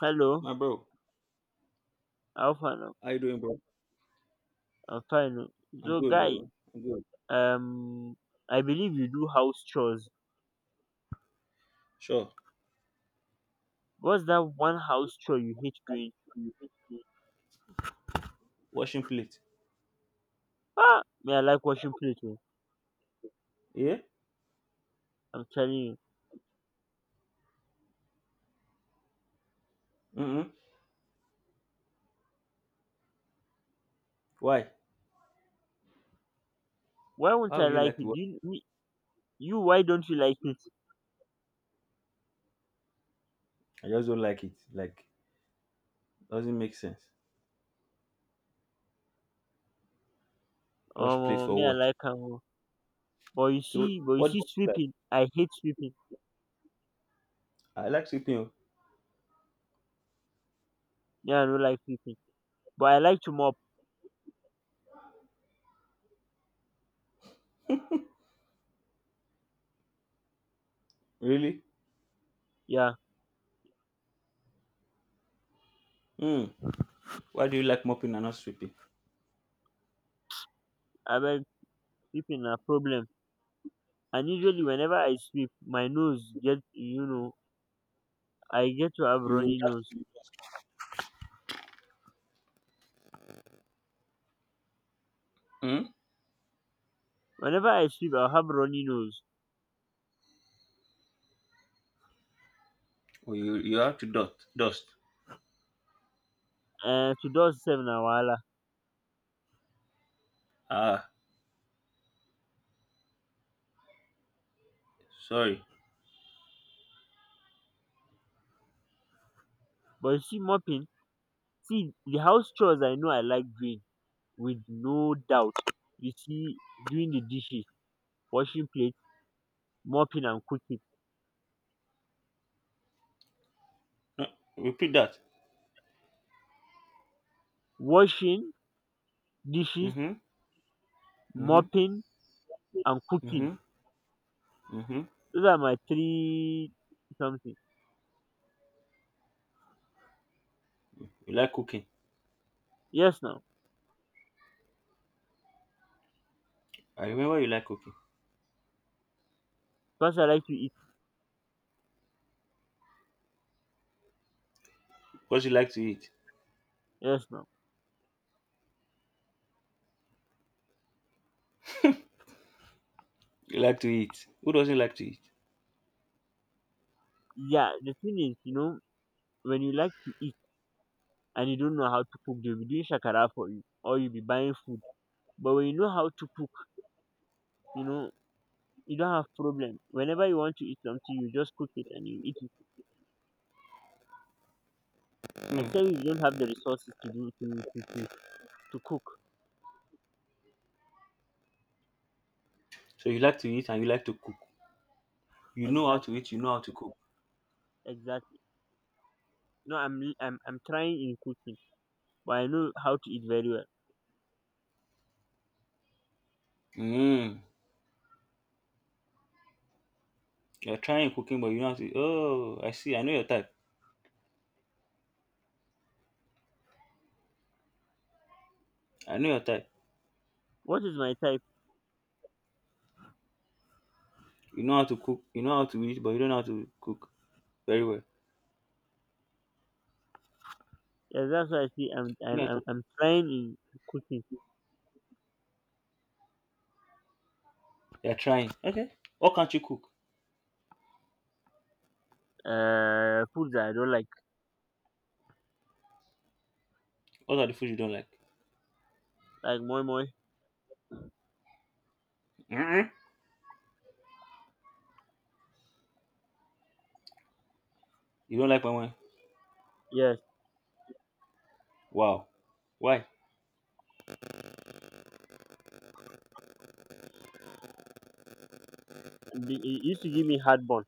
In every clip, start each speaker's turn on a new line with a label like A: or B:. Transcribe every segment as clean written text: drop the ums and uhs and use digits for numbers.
A: Hello,
B: My bro,
A: how far now?
B: how you doing, bro?
A: I'm fine. Oh.
B: I'm
A: So
B: good,
A: guy,
B: bro. I'm good.
A: um I believe you do house chores.
B: Sure.
A: What's that one house chore you hate doing?
B: Washing plate.
A: Ah me I like washing plate oh.
B: Yeah?
A: I'm telling you.
B: Mm-hmm. Why?
A: Why won't
B: Why
A: I
B: would you
A: like
B: like to
A: it?
B: wash?
A: Do you me, you why don't you like it?
B: I just don't like it. Like, doesn't make sense. Wash plate
A: Um
B: for
A: me I
B: what?
A: like am oh. But you
B: So,
A: see but you
B: what do
A: see
B: you like?
A: sweeping. I hate sweeping.
B: I like sweeping, oh.
A: Yeah, I don't like sweeping. But I like to mop.
B: Really?
A: Yeah,
B: Hmm. Why do you like mopping and not sweeping?
A: I like sweeping a problem. And usually whenever I sweep my nose get. I get to have
B: You
A: runny
B: have
A: nose.
B: to. Hmm?
A: Whenever I sweep I will have runny nose.
B: Oh, you have to dust. Dust.
A: To dust sef na wahala.
B: Ah, sorry.
A: But you see mopping. See, the house chores I know I like doing with no doubt, you see: doing the dishes, washing plate, mopping, and cooking.
B: No, repeat that.
A: Washing dishes,
B: Mm-hmm. Mm-hmm.
A: mopping, and cooking.
B: Mm-hmm. Mm-hmm.
A: Those are my three something.
B: You like cooking.
A: Yes now.
B: I remember you like cooking.
A: Because I like to
B: What you like to eat?
A: eat. Yes now.
B: You like to eat. Who doesn't like to eat?
A: Yeah, the thing is when you like to eat and you don't know how to cook, they will be doing shakara for you or you will be buying food. But when you know how to cook, you know you don't have problem. Whenever you want to eat something, you just cook it and you eat it. Except if
B: Mm.
A: you don't have the resources to do to cook
B: So you like to eat and you like to cook. You know how
A: exact
B: to eat, you know how to cook.
A: exactly. No, I'm I I'm trying in cooking. But I know how to eat very well.
B: Mm. You're trying cooking, but you know how to. Oh, I see. I know your type. I know your type.
A: What is my type?
B: You know how to cook. You know how to eat, but you don't know how to cook very well.
A: Yeah, that's why I say i'm
B: I know
A: i'm
B: your
A: i'm,
B: type.
A: I'm trying in cooking.
B: You're trying. Okay. What can't you cook?
A: Foods that I don't like.
B: What are the food you don't like?
A: Like moi moi.
B: Mm-mm. You don't like my one?
A: Yes.
B: Wow. Why?
A: And it used to give me heartburn.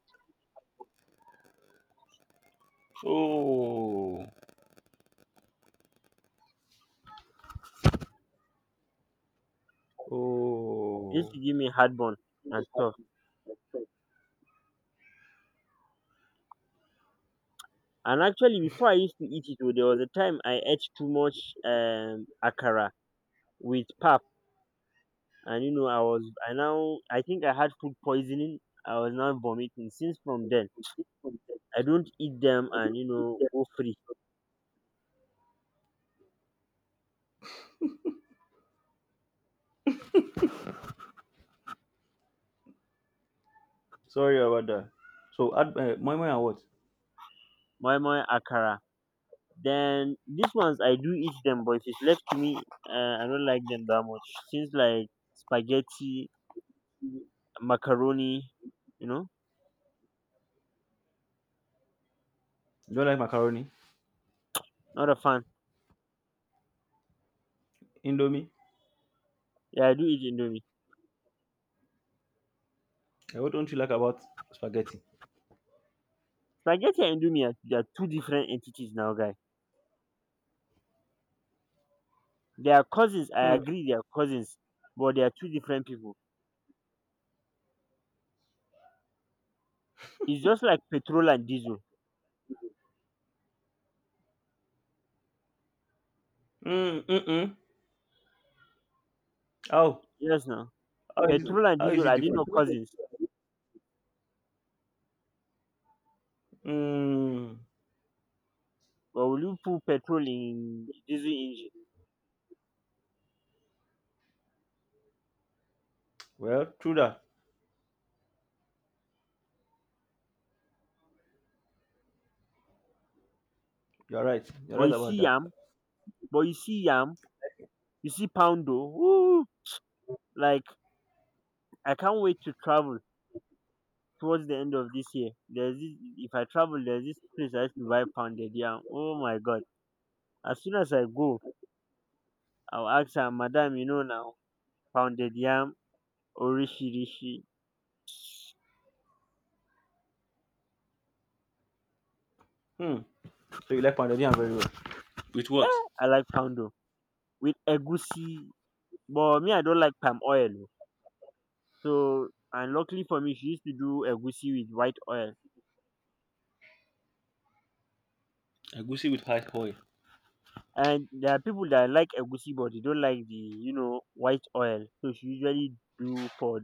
B: Oh.
A: It used to give me heartburn and stuff. And actually before I used to eat it oh. There was a time I ate too much akara with pap. And you know I was I now I think I had food poisoning. I was now vomiting since from then. I don't eat them,
B: Oh.
A: and you know, go free.
B: Sorry about that. So, add moi moi and what?
A: My akara. Then these ones I do eat them, but if it's left to me, uh, I don't like them that much. Since like spaghetti, macaroni, you know.
B: You don't like macaroni?
A: Not a fan.
B: Indomie?
A: Yeah, I do eat indomie.
B: Eh, what don't you like about spaghetti?
A: Spaghetti and indomie are two different entities now, guy. They are cousins. I
B: Hmm.
A: agree, they are cousins. But they are two different people. It's just like petrol and diesel.
B: Mm, mm-mm. How?
A: Yes now.
B: How is it,
A: Petrol and
B: how is
A: diesel,
B: it
A: are they
B: different?
A: not cousins?
B: Hmm.
A: But will you put petrol in diesel engine?
B: Well, true that. You're right. You're
A: But
B: right
A: you
B: about
A: see
B: that.
A: yam, but you see yam, you see poundo. Woo! Like, I can't wait to travel towards the end of this year. There's this if I travel there's this place I used to buy pounded yam. Oh my god. As soon as I go, I'll ask her, Madam, you know now, pounded yam, orishi rishi.
B: Hmm. So you like pounded yam very well. With what?
A: Eh, I like poundo. With egusi. But me I don't like palm oil. Oh. So and luckily for me, she used to do egusi with white oil.
B: Agusi with high oil.
A: And there are people that like egusi, but they don't like the white oil. So she usually do for.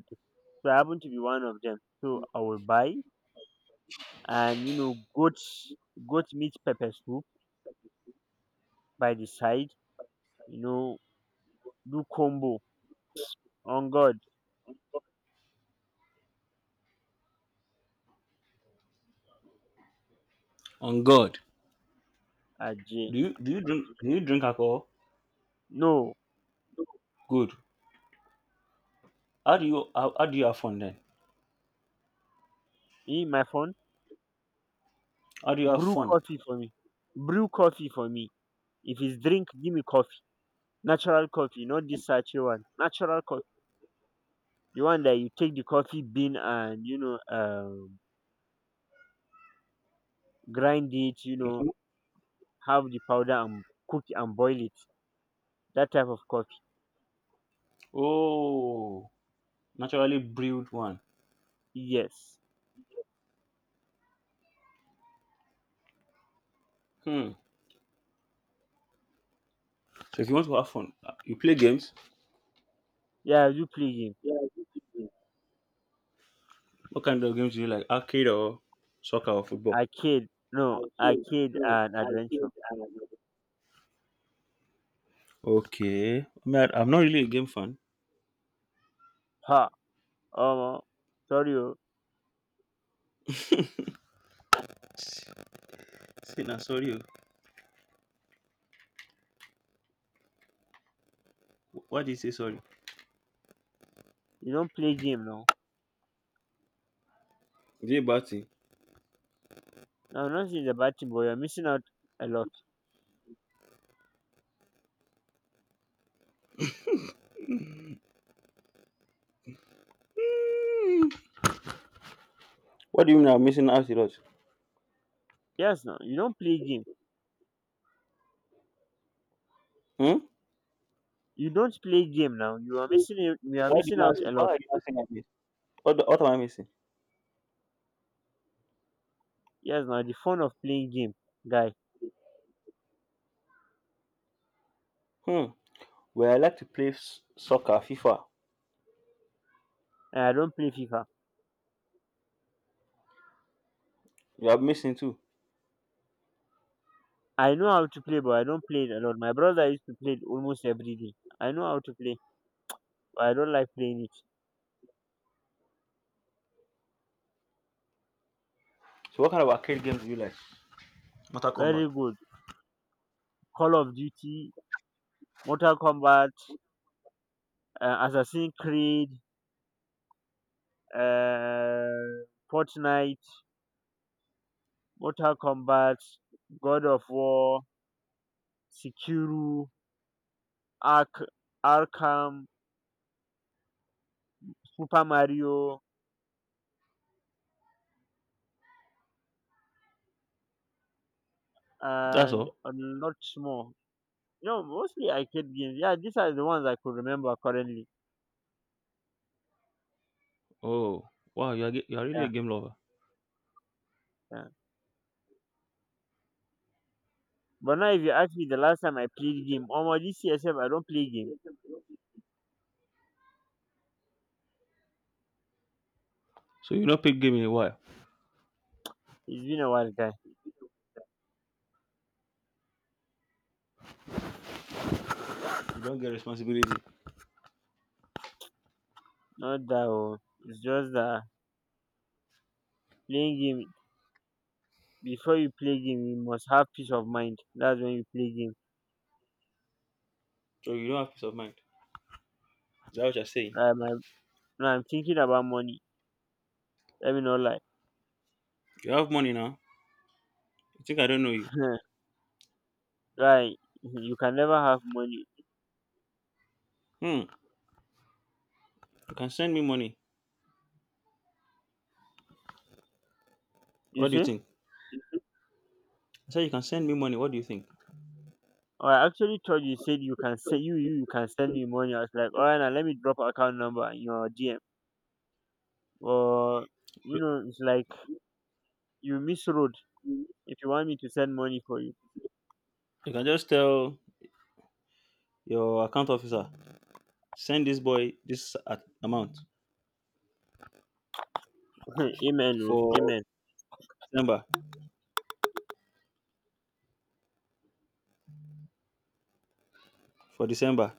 A: So I happen to be one of them. So I will buy and goat meat pepper soup by the side. You know, do combo. On God.
B: On God.
A: Aj.
B: Do you drink alcohol?
A: No,
B: Good. How do you have fun then?
A: in my phone
B: How do you have
A: brew
B: fun?
A: coffee for me. Brew coffee for me. If it's drink, give me coffee. Natural coffee, not this sachet one. Natural coffee. The one that you take the coffee bean and grind it,
B: Mhm.
A: have the powder and cook it and boil it. That type of coffee.
B: Oh, naturally brewed one.
A: Yes.
B: Hmm. So if you want to have fun, you play games.
A: Yeah, you play game.
B: What kind of games do you like? Arcade or soccer or football?
A: Arcade. No, arcade and adventure.
B: Okay. I mean, I'm not really a game fan.
A: Ha, omo, sorry oh.
B: See now, sorry o. Why do you say sorry?
A: You don't play game now.
B: Is it a bad thing?
A: Now, I'm not saying it's a bad thing, but you're missing out a lot.
B: What do you mean I'm missing out a lot?
A: Yes now, you don't play game.
B: Hmm?
A: You don't play game now, you are missing it, you are
B: Why do you
A: missing out
B: not see?
A: a
B: Why
A: lot.
B: are you not saying I miss? What am I missing?
A: Yes now, the fun of playing game, guy.
B: Hmm. Well, I like to play soccer, FIFA.
A: And I don't play fifa.
B: You are missing too.
A: I know how to play, but I don't play it a lot. My brother used to play it almost every day. I know how to play, but I don't like playing it.
B: So what kind of arcade games do you like?
A: Very good. Call of Duty, Mortal Kombat, Assassin's Creed, uh, Fortnite, Mortal Kombat, God of War, Sekiro, Ark, Arkham, Super Mario,
B: That's
A: and
B: all.
A: a lot more. You know, mostly arcade games. Yeah, these are the ones I could remember currently.
B: Oh, wow. You are really a
A: Yeah,
B: game lover.
A: yeah. But now if you ask me the last time I played game, almost this year sef I don't play game.
B: So you not play game in a while.
A: It's been a while, guy.
B: You don't get responsibility.
A: Not that oh. It's just that playing game, before you play game you must have peace of mind. That's when you play game.
B: So you don't have peace of mind. Is that what you're saying?
A: Um, I, now I'm thinking about money. Let me not lie.
B: You have money now. You think I don't know you?
A: Right. You can never have money.
B: Hmm. You can send me money.
A: You
B: What do you
A: see?
B: think? I said you can send me money. What do you think?
A: Oh, I actually thought you said you can send me money. I was like, alright, now let me drop account number in your DM. Or you know, it's like you miss road if you want me to send money for you.
B: You can just tell your account officer send this boy this amount
A: Amen o,
B: for
A: amen.
B: December. For December.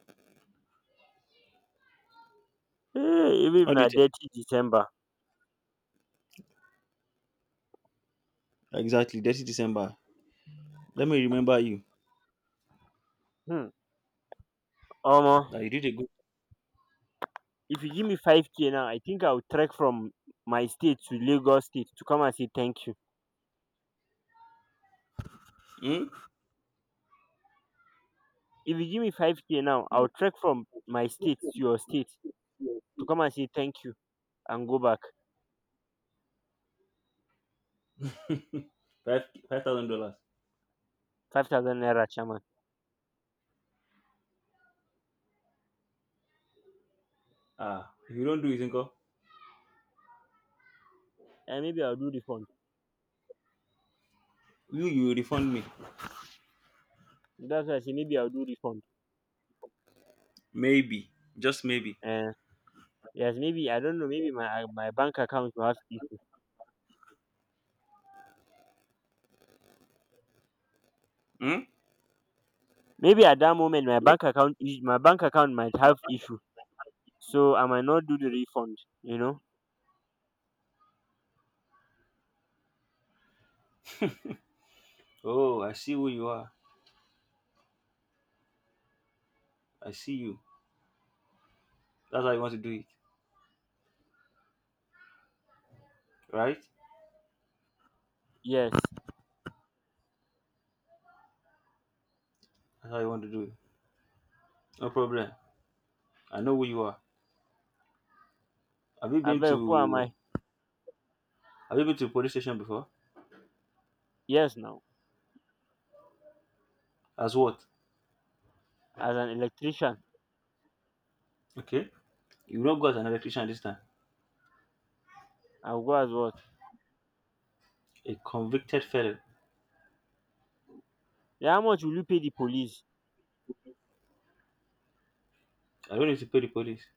A: Hey, even if
B: What do you
A: na
B: think?
A: dirty December,
B: Exactly. 30 December. Let me remember you
A: hmm, omo,
B: that you did a good.
A: if you give me 5K now, I think I will trek from my state to Lagos state to come and say thank you.
B: Hmm?
A: If you give me five k now, I will trek from my state to your state to come and say thank you and go back.
B: Five five thousand dollars.
A: ₦5,000, chairman.
B: Ah, if you don't do it, Inko,
A: And maybe I'll do refund.
B: you will refund me.
A: That's why I say maybe I'll do refund.
B: Maybe, just maybe.
A: Uh, yes, maybe I don't know. Maybe my bank account will have issue.
B: Hmm?
A: Maybe at that moment my bank account might have issue. So I might not do the refund.
B: Oh, I see who you are. I see you. That's how you want to do it, right?
A: Yes.
B: That's how you want to do it. No problem. I know who you are. Have you
A: I
B: been
A: beg, who am
B: to
A: I?
B: Have you been to police station before?
A: Yes now.
B: As what?
A: As an electrician.
B: Okay. You will not go as an electrician this time.
A: I'll go as what?
B: A convicted felon.
A: Then how much will you pay the police?
B: I don't need to pay the police.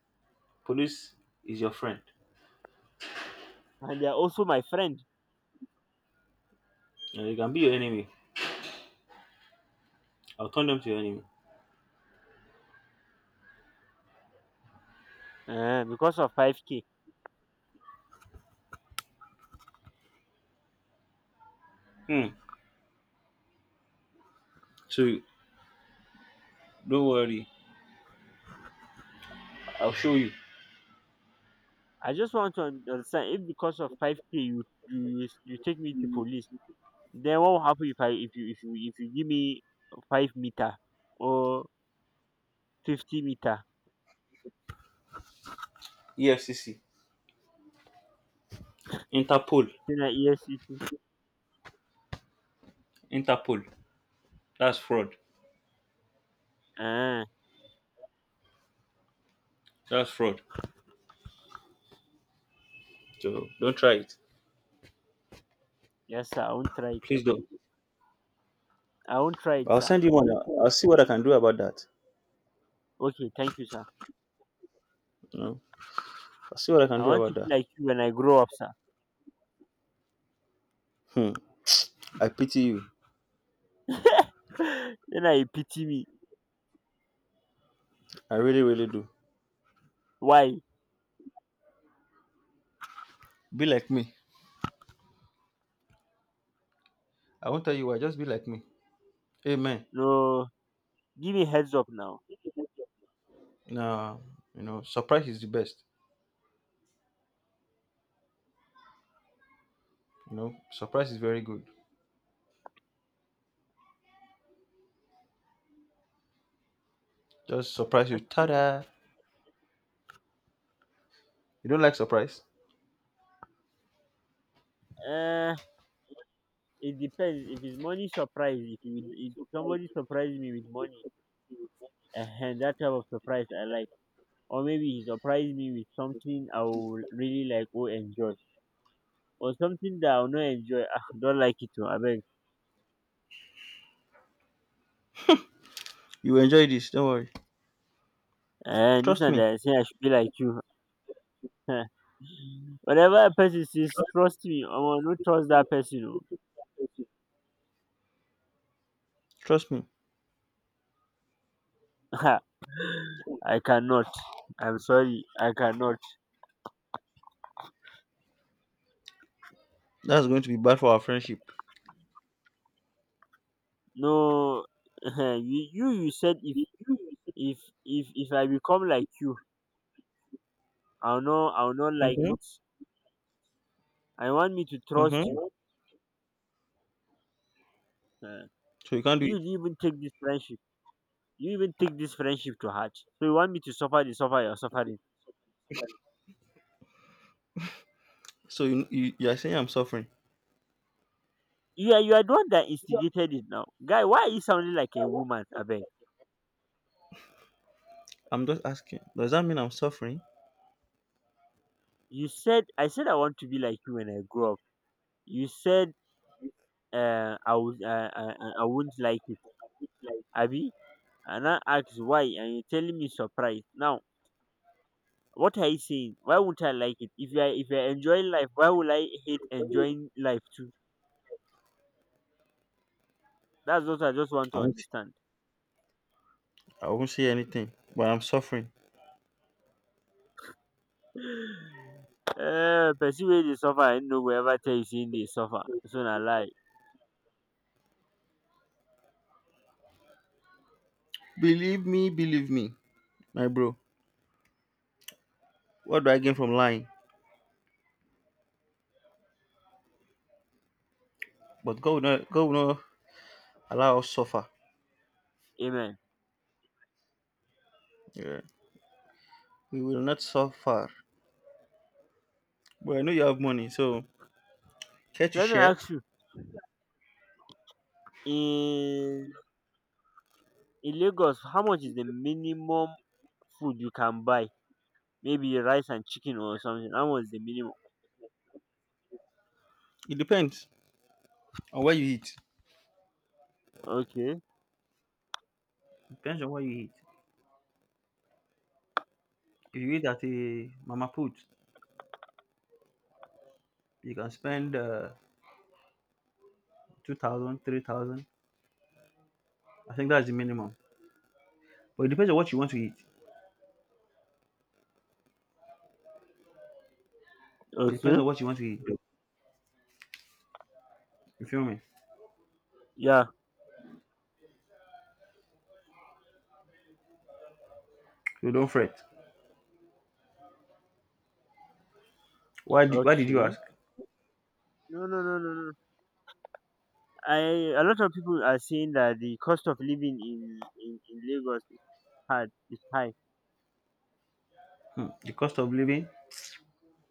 B: Police is your friend.
A: And they are also my friend.
B: You can be your enemy. I'll turn them to your enemy.
A: Because of 5K.
B: Hmm. So don't worry. I'll show you.
A: I just want to understand if because of 5K you take me to police, then what will happen if I if you if you if you give me 5 meter or 50 meter?
B: EFCC. Interpol.
A: Then I yes, yes, yes.
B: Interpol. That's fraud.
A: Uh,
B: That's fraud. So don't try it.
A: yes sir, I won't try it.
B: Please
A: Sir.
B: don't.
A: I won't try it,
B: I'll
A: sir.
B: send you one. I'll see what I can do about that.
A: Okay, thank you, sir.
B: You know, I'll see what I can
A: I
B: do
A: want
B: about
A: to be
B: that.
A: like you when I grow up, sir.
B: Hmm. I pity you.
A: Then I pity me.
B: I really, really do.
A: Why?
B: Be like me. I won't tell you why. Just be like me. Amen.
A: No, give me heads up now.
B: Now, you know, surprise is the best. You know, surprise is very good. Just surprise you.
A: Okay.
B: Ta-da! You don't like surprise?
A: Uh, it depends. If it's money surprise, if somebody surprises me with money, that type of surprise I like. Or maybe he surprised me with something I will really like or enjoy. Or something that I'll not enjoy. Ah, don't like it too, I beg.
B: You enjoy this. Don't worry.
A: And this
B: Trust
A: one
B: me.
A: that I say I should be like you. Whatever a person says,
B: Trust,
A: trust me. I will not trust that person.
B: trust me.
A: Oh. I cannot. I'm sorry. I cannot.
B: That's going to be bad for our friendship.
A: No, you said if if I become like you, I'll not like
B: Mm-hmm.
A: it. I want me to trust you.
B: Mm-hmm.
A: Uh,
B: So you can't do
A: you
B: it.
A: didn't even take this friendship. You even take this friendship to heart. So you want me to suffer the suffer you're suffering.
B: So you are saying I'm suffering.
A: Yeah, you are the one that instigated it now, guy. Why are you sounding like a woman? I beg.
B: I'm just asking. Does that mean I'm suffering?
A: You said I want to be like you when I grow up. You said I would, I won't like it. Abi. And I asked why, and you're telling me surprise. Now, what are you saying? Why wouldn't I like it? If you're enjoying life, why would I hate enjoying life too? That's what I just want
B: I
A: to
B: won't
A: understand.
B: I won't say anything, but I'm suffering.
A: Person wey dey suffer, I no go ever tell you say im dey suffer. So na lie.
B: Believe me, my bro. What do I gain from lying? But God will not allow us suffer.
A: Amen.
B: Yeah. We will not suffer. But I know you have money, so care to
A: Let me
B: share?
A: ask you, in in Lagos, how much is the minimum food you can buy? Maybe rice and chicken or something. How much is the minimum?
B: It depends on what you eat.
A: Okay,
B: Depends on what you eat. If you eat at a mama put, you can spend 2,000, I think that's the minimum. But it depends on what you want to eat. It depends
A: okay,
B: on what you want to eat. You feel me?
A: yeah,
B: So don't fret. Why did you
A: okay.
B: ask?
A: No, no, no, no, no. No. I a lot of people are saying that the cost of living in Lagos is hard is high.
B: Hmm. The cost of living.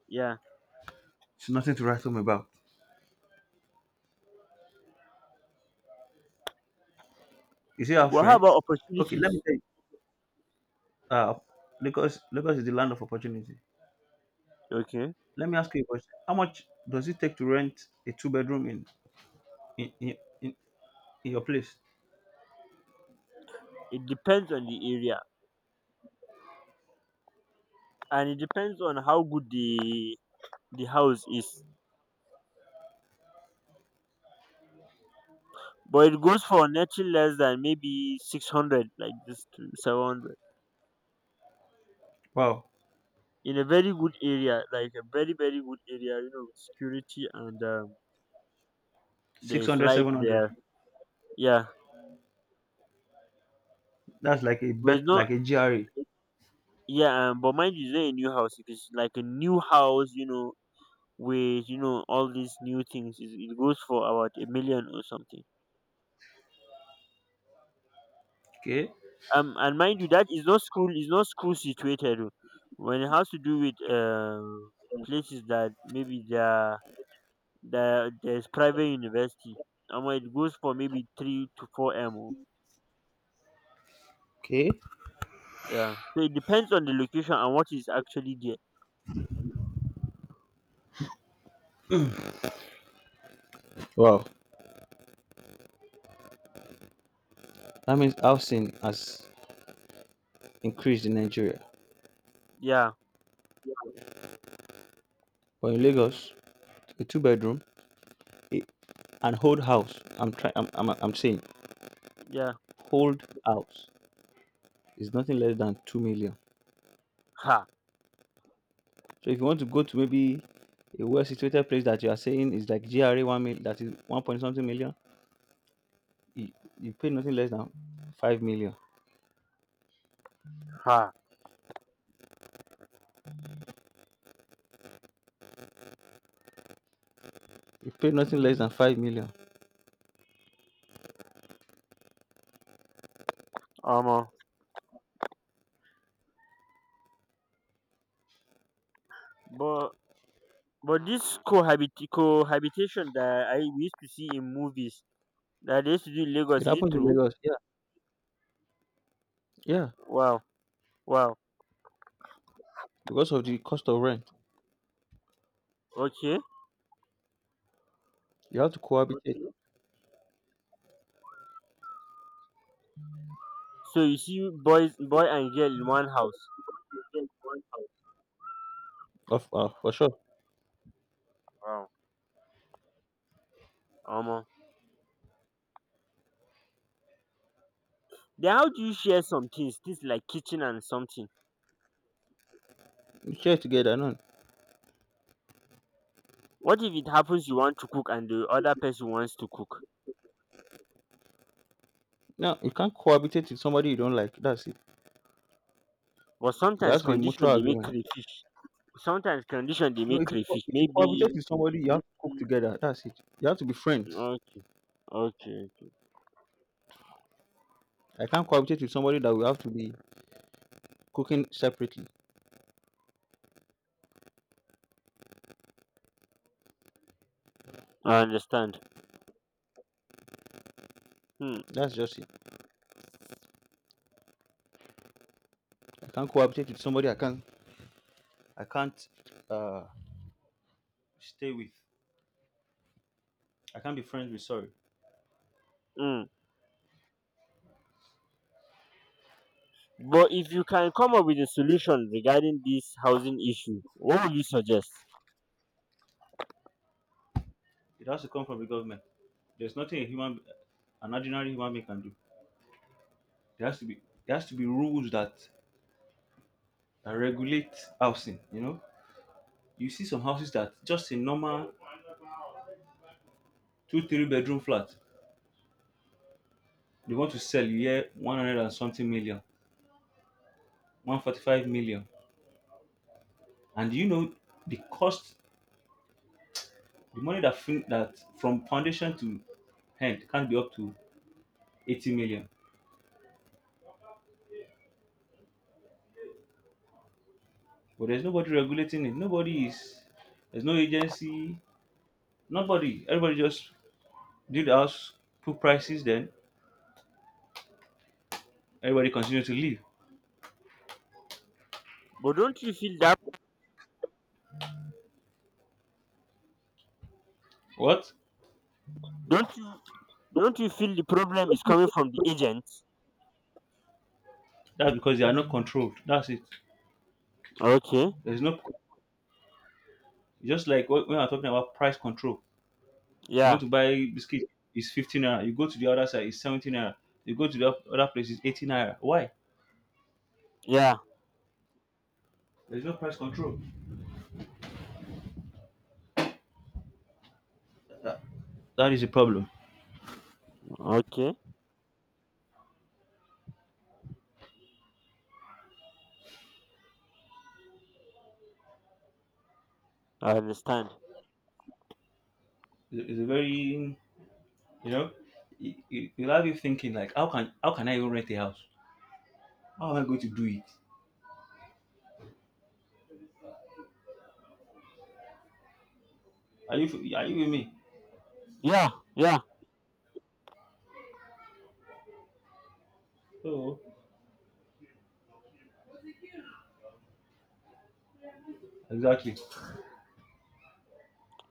A: Yeah.
B: It's nothing to write home about. Is it house
A: But how
B: rent?
A: about
B: Okay, let me
A: opportunities?
B: tell you. Uh, Lagos is the land of opportunity.
A: Okay.
B: Let me ask you a question. How much does it take to rent a two bedroom in in, in, in in your place?
A: It depends on the area and it depends on how good the house is. But it goes for nothing less than maybe 600, like this to 700.
B: Wow,
A: In a very good area, like a very, very good area, you know, with security and
B: six
A: there's
B: hundred,
A: light
B: 700.
A: there. Yeah.
B: That's like a
A: But
B: bet, like a GRE.
A: mind you, it's not a new house. If it's like a new house, you know, with all these new things it goes for about a million or something.
B: Okay,
A: And mind you, that is not school situated oh. When it has to do with places that maybe there's private university, and when it goes for maybe three to four m oh.
B: okay.
A: Yeah, so it depends on the location and what is actually there.
B: Wow, that means housing has increased in Nigeria.
A: Yeah,
B: But in Lagos, a two bedroom, a- an whole house. I'm trying. I'm saying,
A: yeah,
B: whole house is nothing less than 2 million.
A: ha,
B: So if you want to go to maybe a well situated place that you are saying is like GRA one mil that is one point something million, you, you pay nothing less than 5 million.
A: ha.
B: You pay nothing less than 5 million.
A: um uh, but but this cohabitation that I we used to see in movies that they used to do in
B: It
A: Lagos, is it
B: happens in
A: true?
B: Lagos, yeah, yeah,
A: Wow, wow.
B: because of the cost of rent.
A: Okay.
B: You have to cohabitate,
A: So you see boy and girl in one house.
B: of for sure.
A: Wow. Omo. Then how do you share some things like kitchen and something?
B: You share together, no.
A: What if it happens you want to cook and the other person wants to cook?
B: No, you can't cohabitate with somebody you don't like. That's it.
A: But
B: There has
A: sometimes
B: to be
A: condition
B: mutual
A: they make
B: agreement.
A: crayfish. Sometimes condition they
B: No,
A: make
B: if you,
A: crayfish.
B: if you
A: Maybe.
B: cohabitate with somebody, you have to cook together. That's it. You have to be friends.
A: Okay, okay.
B: I can't cohabitate with somebody that we have to be cooking separately.
A: I understand. Hmm.
B: That's just it. I can't cohabitate with somebody I can't uh, stay with. I can't be friends with. Sorry,
A: Mm. But if you can come up with a solution regarding this housing issue, what would you suggest?
B: it has to come from the government. There's nothing a human, an ordinary human being can do. There has to be there has to be rules that regulate housing. You know, you see some houses that just a normal two three bedroom flat they want to sell you here 100 and something million, 145 million, and you know the cost, the money that from foundation to hand can't be up to 80 million. But there's nobody regulating it. Nobody is. There's no agency. Nobody. Everybody just did the house, put prices. Then everybody continues to live.
A: But
B: What?
A: don't you don't you feel the problem is coming from the agents?
B: That's because they are not controlled. That's it.
A: Okay,
B: There's no. Just like when I'm talking about price control. You want
A: yeah,
B: to buy biscuit, it's 15 naira. You go to the other side, it's 17 naira. You go to the other place, it's 18 naira. Why?
A: yeah.
B: There's no price control. That, that is a problem.
A: Okay, I understand.
B: It's a very, you know, you'll have you thinking like, how can I even rent a house? How am I going to do it? Are you with me?
A: Yeah, yeah.
B: So exactly.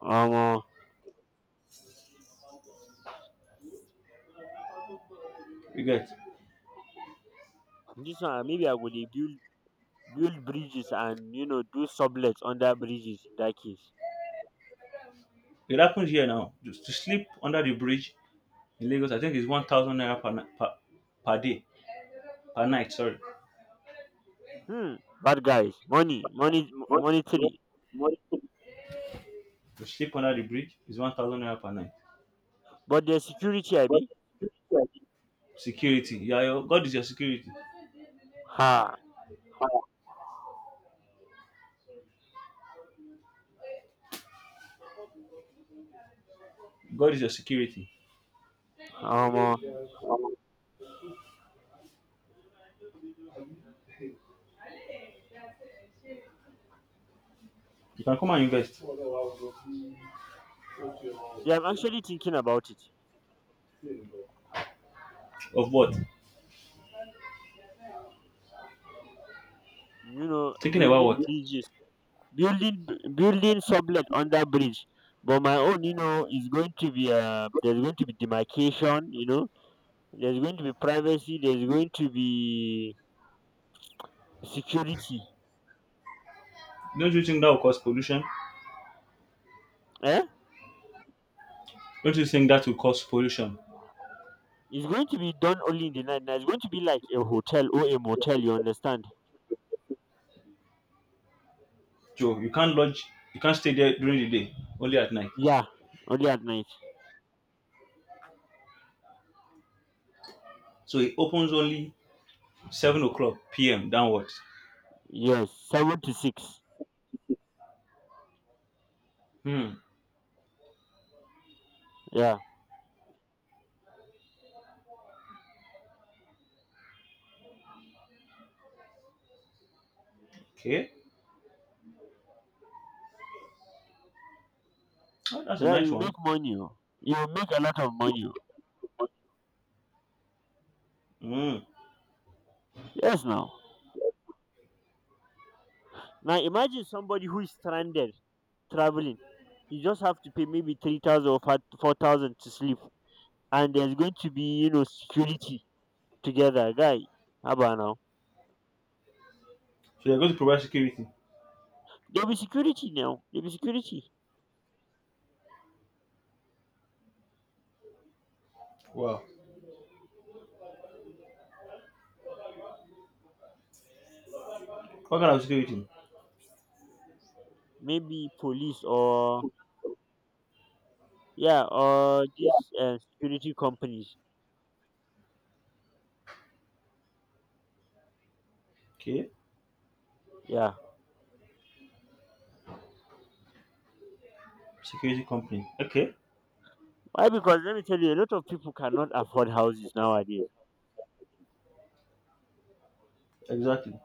A: um uh,
B: You get
A: this one, maybe I would build bridges and do sublets under bridges in that case.
B: it happens here now. Just to sleep under the bridge in Lagos, I think it's 1,000 naira per day per night. Sorry,
A: Hmm. Bad guys, money money monetary.
B: to sleep under the bridge is 1,000 naira per night.
A: But there's security, I be.
B: Security, yeah, your, God is your security.
A: Ha.
B: God is your security.
A: um uh,
B: You can come and invest
A: yeah, I'm actually thinking about it,
B: of what? Thinking about
A: building
B: what?
A: bridges, building building sublet under bridge. But my own, is going to be, there's going to be demarcation, there's going to be privacy, there's going to be security.
B: Don't you think that will cause pollution?
A: Eh,
B: Don't you think that will cause pollution?
A: it's going to be done only in the night. Now it's going to be like a hotel or a motel, you understand?
B: Joe, you can't lodge, you can't stay there during the day, only at night.
A: Yeah, only at night.
B: So it opens only 7 o'clock p.m. downwards.
A: Yes, seven to six.
B: Hmm.
A: Yeah,
B: Okay. Oh, that's a
A: yeah,
B: nice
A: you
B: one.
A: make money oh. You make a lot of money oh.
B: Hmm.
A: Yes, now, imagine somebody who is stranded, traveling. You just have to pay maybe 3,000 or 4,000 to sleep, and there's going to be, security together, guy. How about now?
B: So they're going to provide security.
A: There'll be security now. There'll be security.
B: Wow. What kind of security?
A: Maybe police, or yeah, or these security companies.
B: Okay.
A: Yeah.
B: Security company. Okay.
A: Why? Because let me tell you, a lot of people cannot afford houses nowadays.
B: Exactly.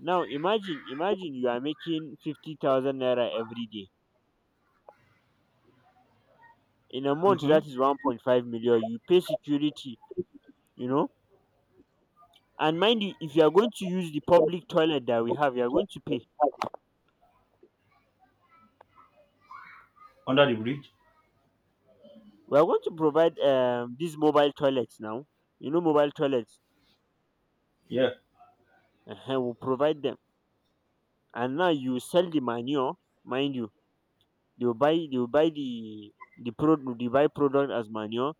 A: Now imagine you are making 50,000 naira every day. In a month,
B: Mm-hmm.
A: that is 1.5 million. You pay security, you know And mind you, if you are going to use the public toilet that we have, you are going to pay.
B: Under the bridge.
A: We are going to provide these mobile toilets now. Mobile toilets.
B: Yeah.
A: We'll provide them, and now you sell the manure. Mind you, they will buy the product, the buy product as manure.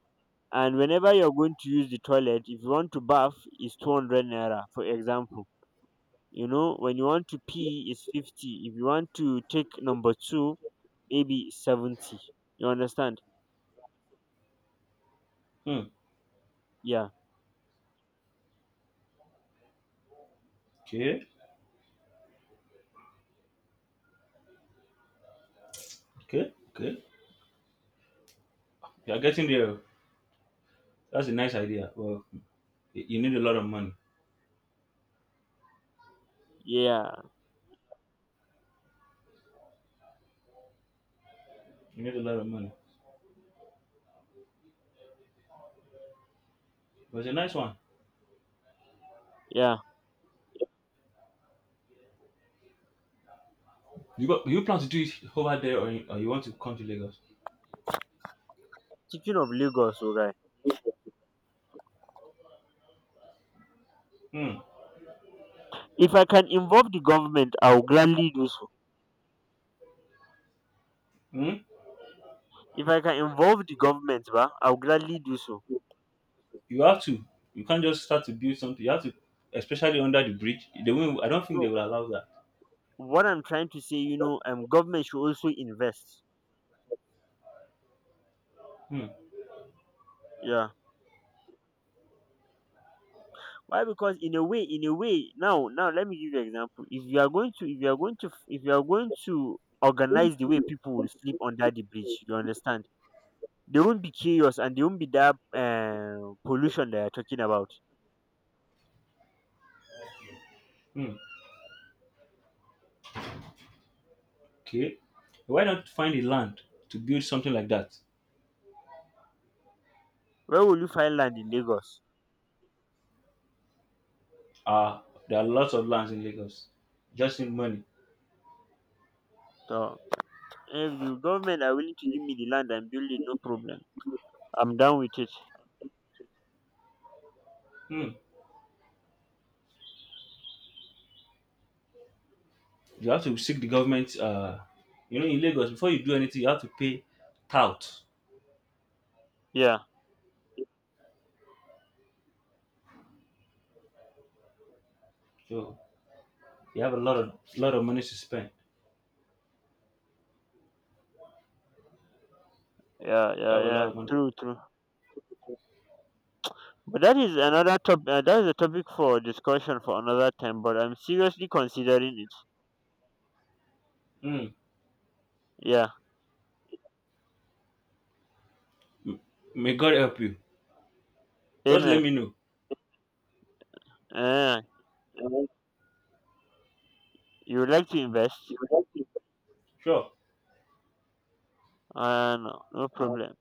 A: And whenever you are going to use the toilet, if you want to bath, is 200 naira, for example. When you want to pee, is 50. If you want to take number two, maybe 70. You understand?
B: Hmm.
A: Yeah,
B: Okay. Okay. Okay. You are getting there. That's a nice idea. Well, you need a lot of money.
A: yeah.
B: You need a lot of money. But it's a nice one.
A: Yeah,
B: You got? You plan to do it over there, or you want to come to Lagos?
A: chicken of Lagos, oh.
B: Hmm.
A: If I can involve the government, I will gladly do so.
B: Hmm.
A: If I can involve the government, ba, I will gladly do so.
B: you have to you can't just start to build something. You have to especially under the bridge, they will I don't think they
A: No,
B: will allow that.
A: what I'm trying to say, government should also invest.
B: Hmm.
A: Yeah, why? Because in a way, now, let me give you an example. If you are going to, if you are going to, If you are going to organize the way people will sleep under the bridge, you understand? There won't be chaos and there won't be that pollution that you're talking about.
B: Hmm. Okay, why not find a land to build something like that?
A: Where will you find land in Lagos?
B: Uh there are lots of lands in Lagos. Just need money.
A: So if the government are willing to give me the land and build it, no problem. I'm down with it.
B: Hmm. You have to seek the government. You know, in Lagos, before you do anything, you have to pay tout.
A: Yeah,
B: So you have a lot of money to spend.
A: yeah,
B: You
A: yeah,
B: have a
A: yeah.
B: lot of money.
A: True, true. But that is another top. That is a topic for discussion for another time. But I'm seriously considering it.
B: Hmm.
A: Yeah.
B: M- may God help you. Just let
A: Amen.
B: me know.
A: Uh, you would like to invest?
B: Sure.
A: No, no problem.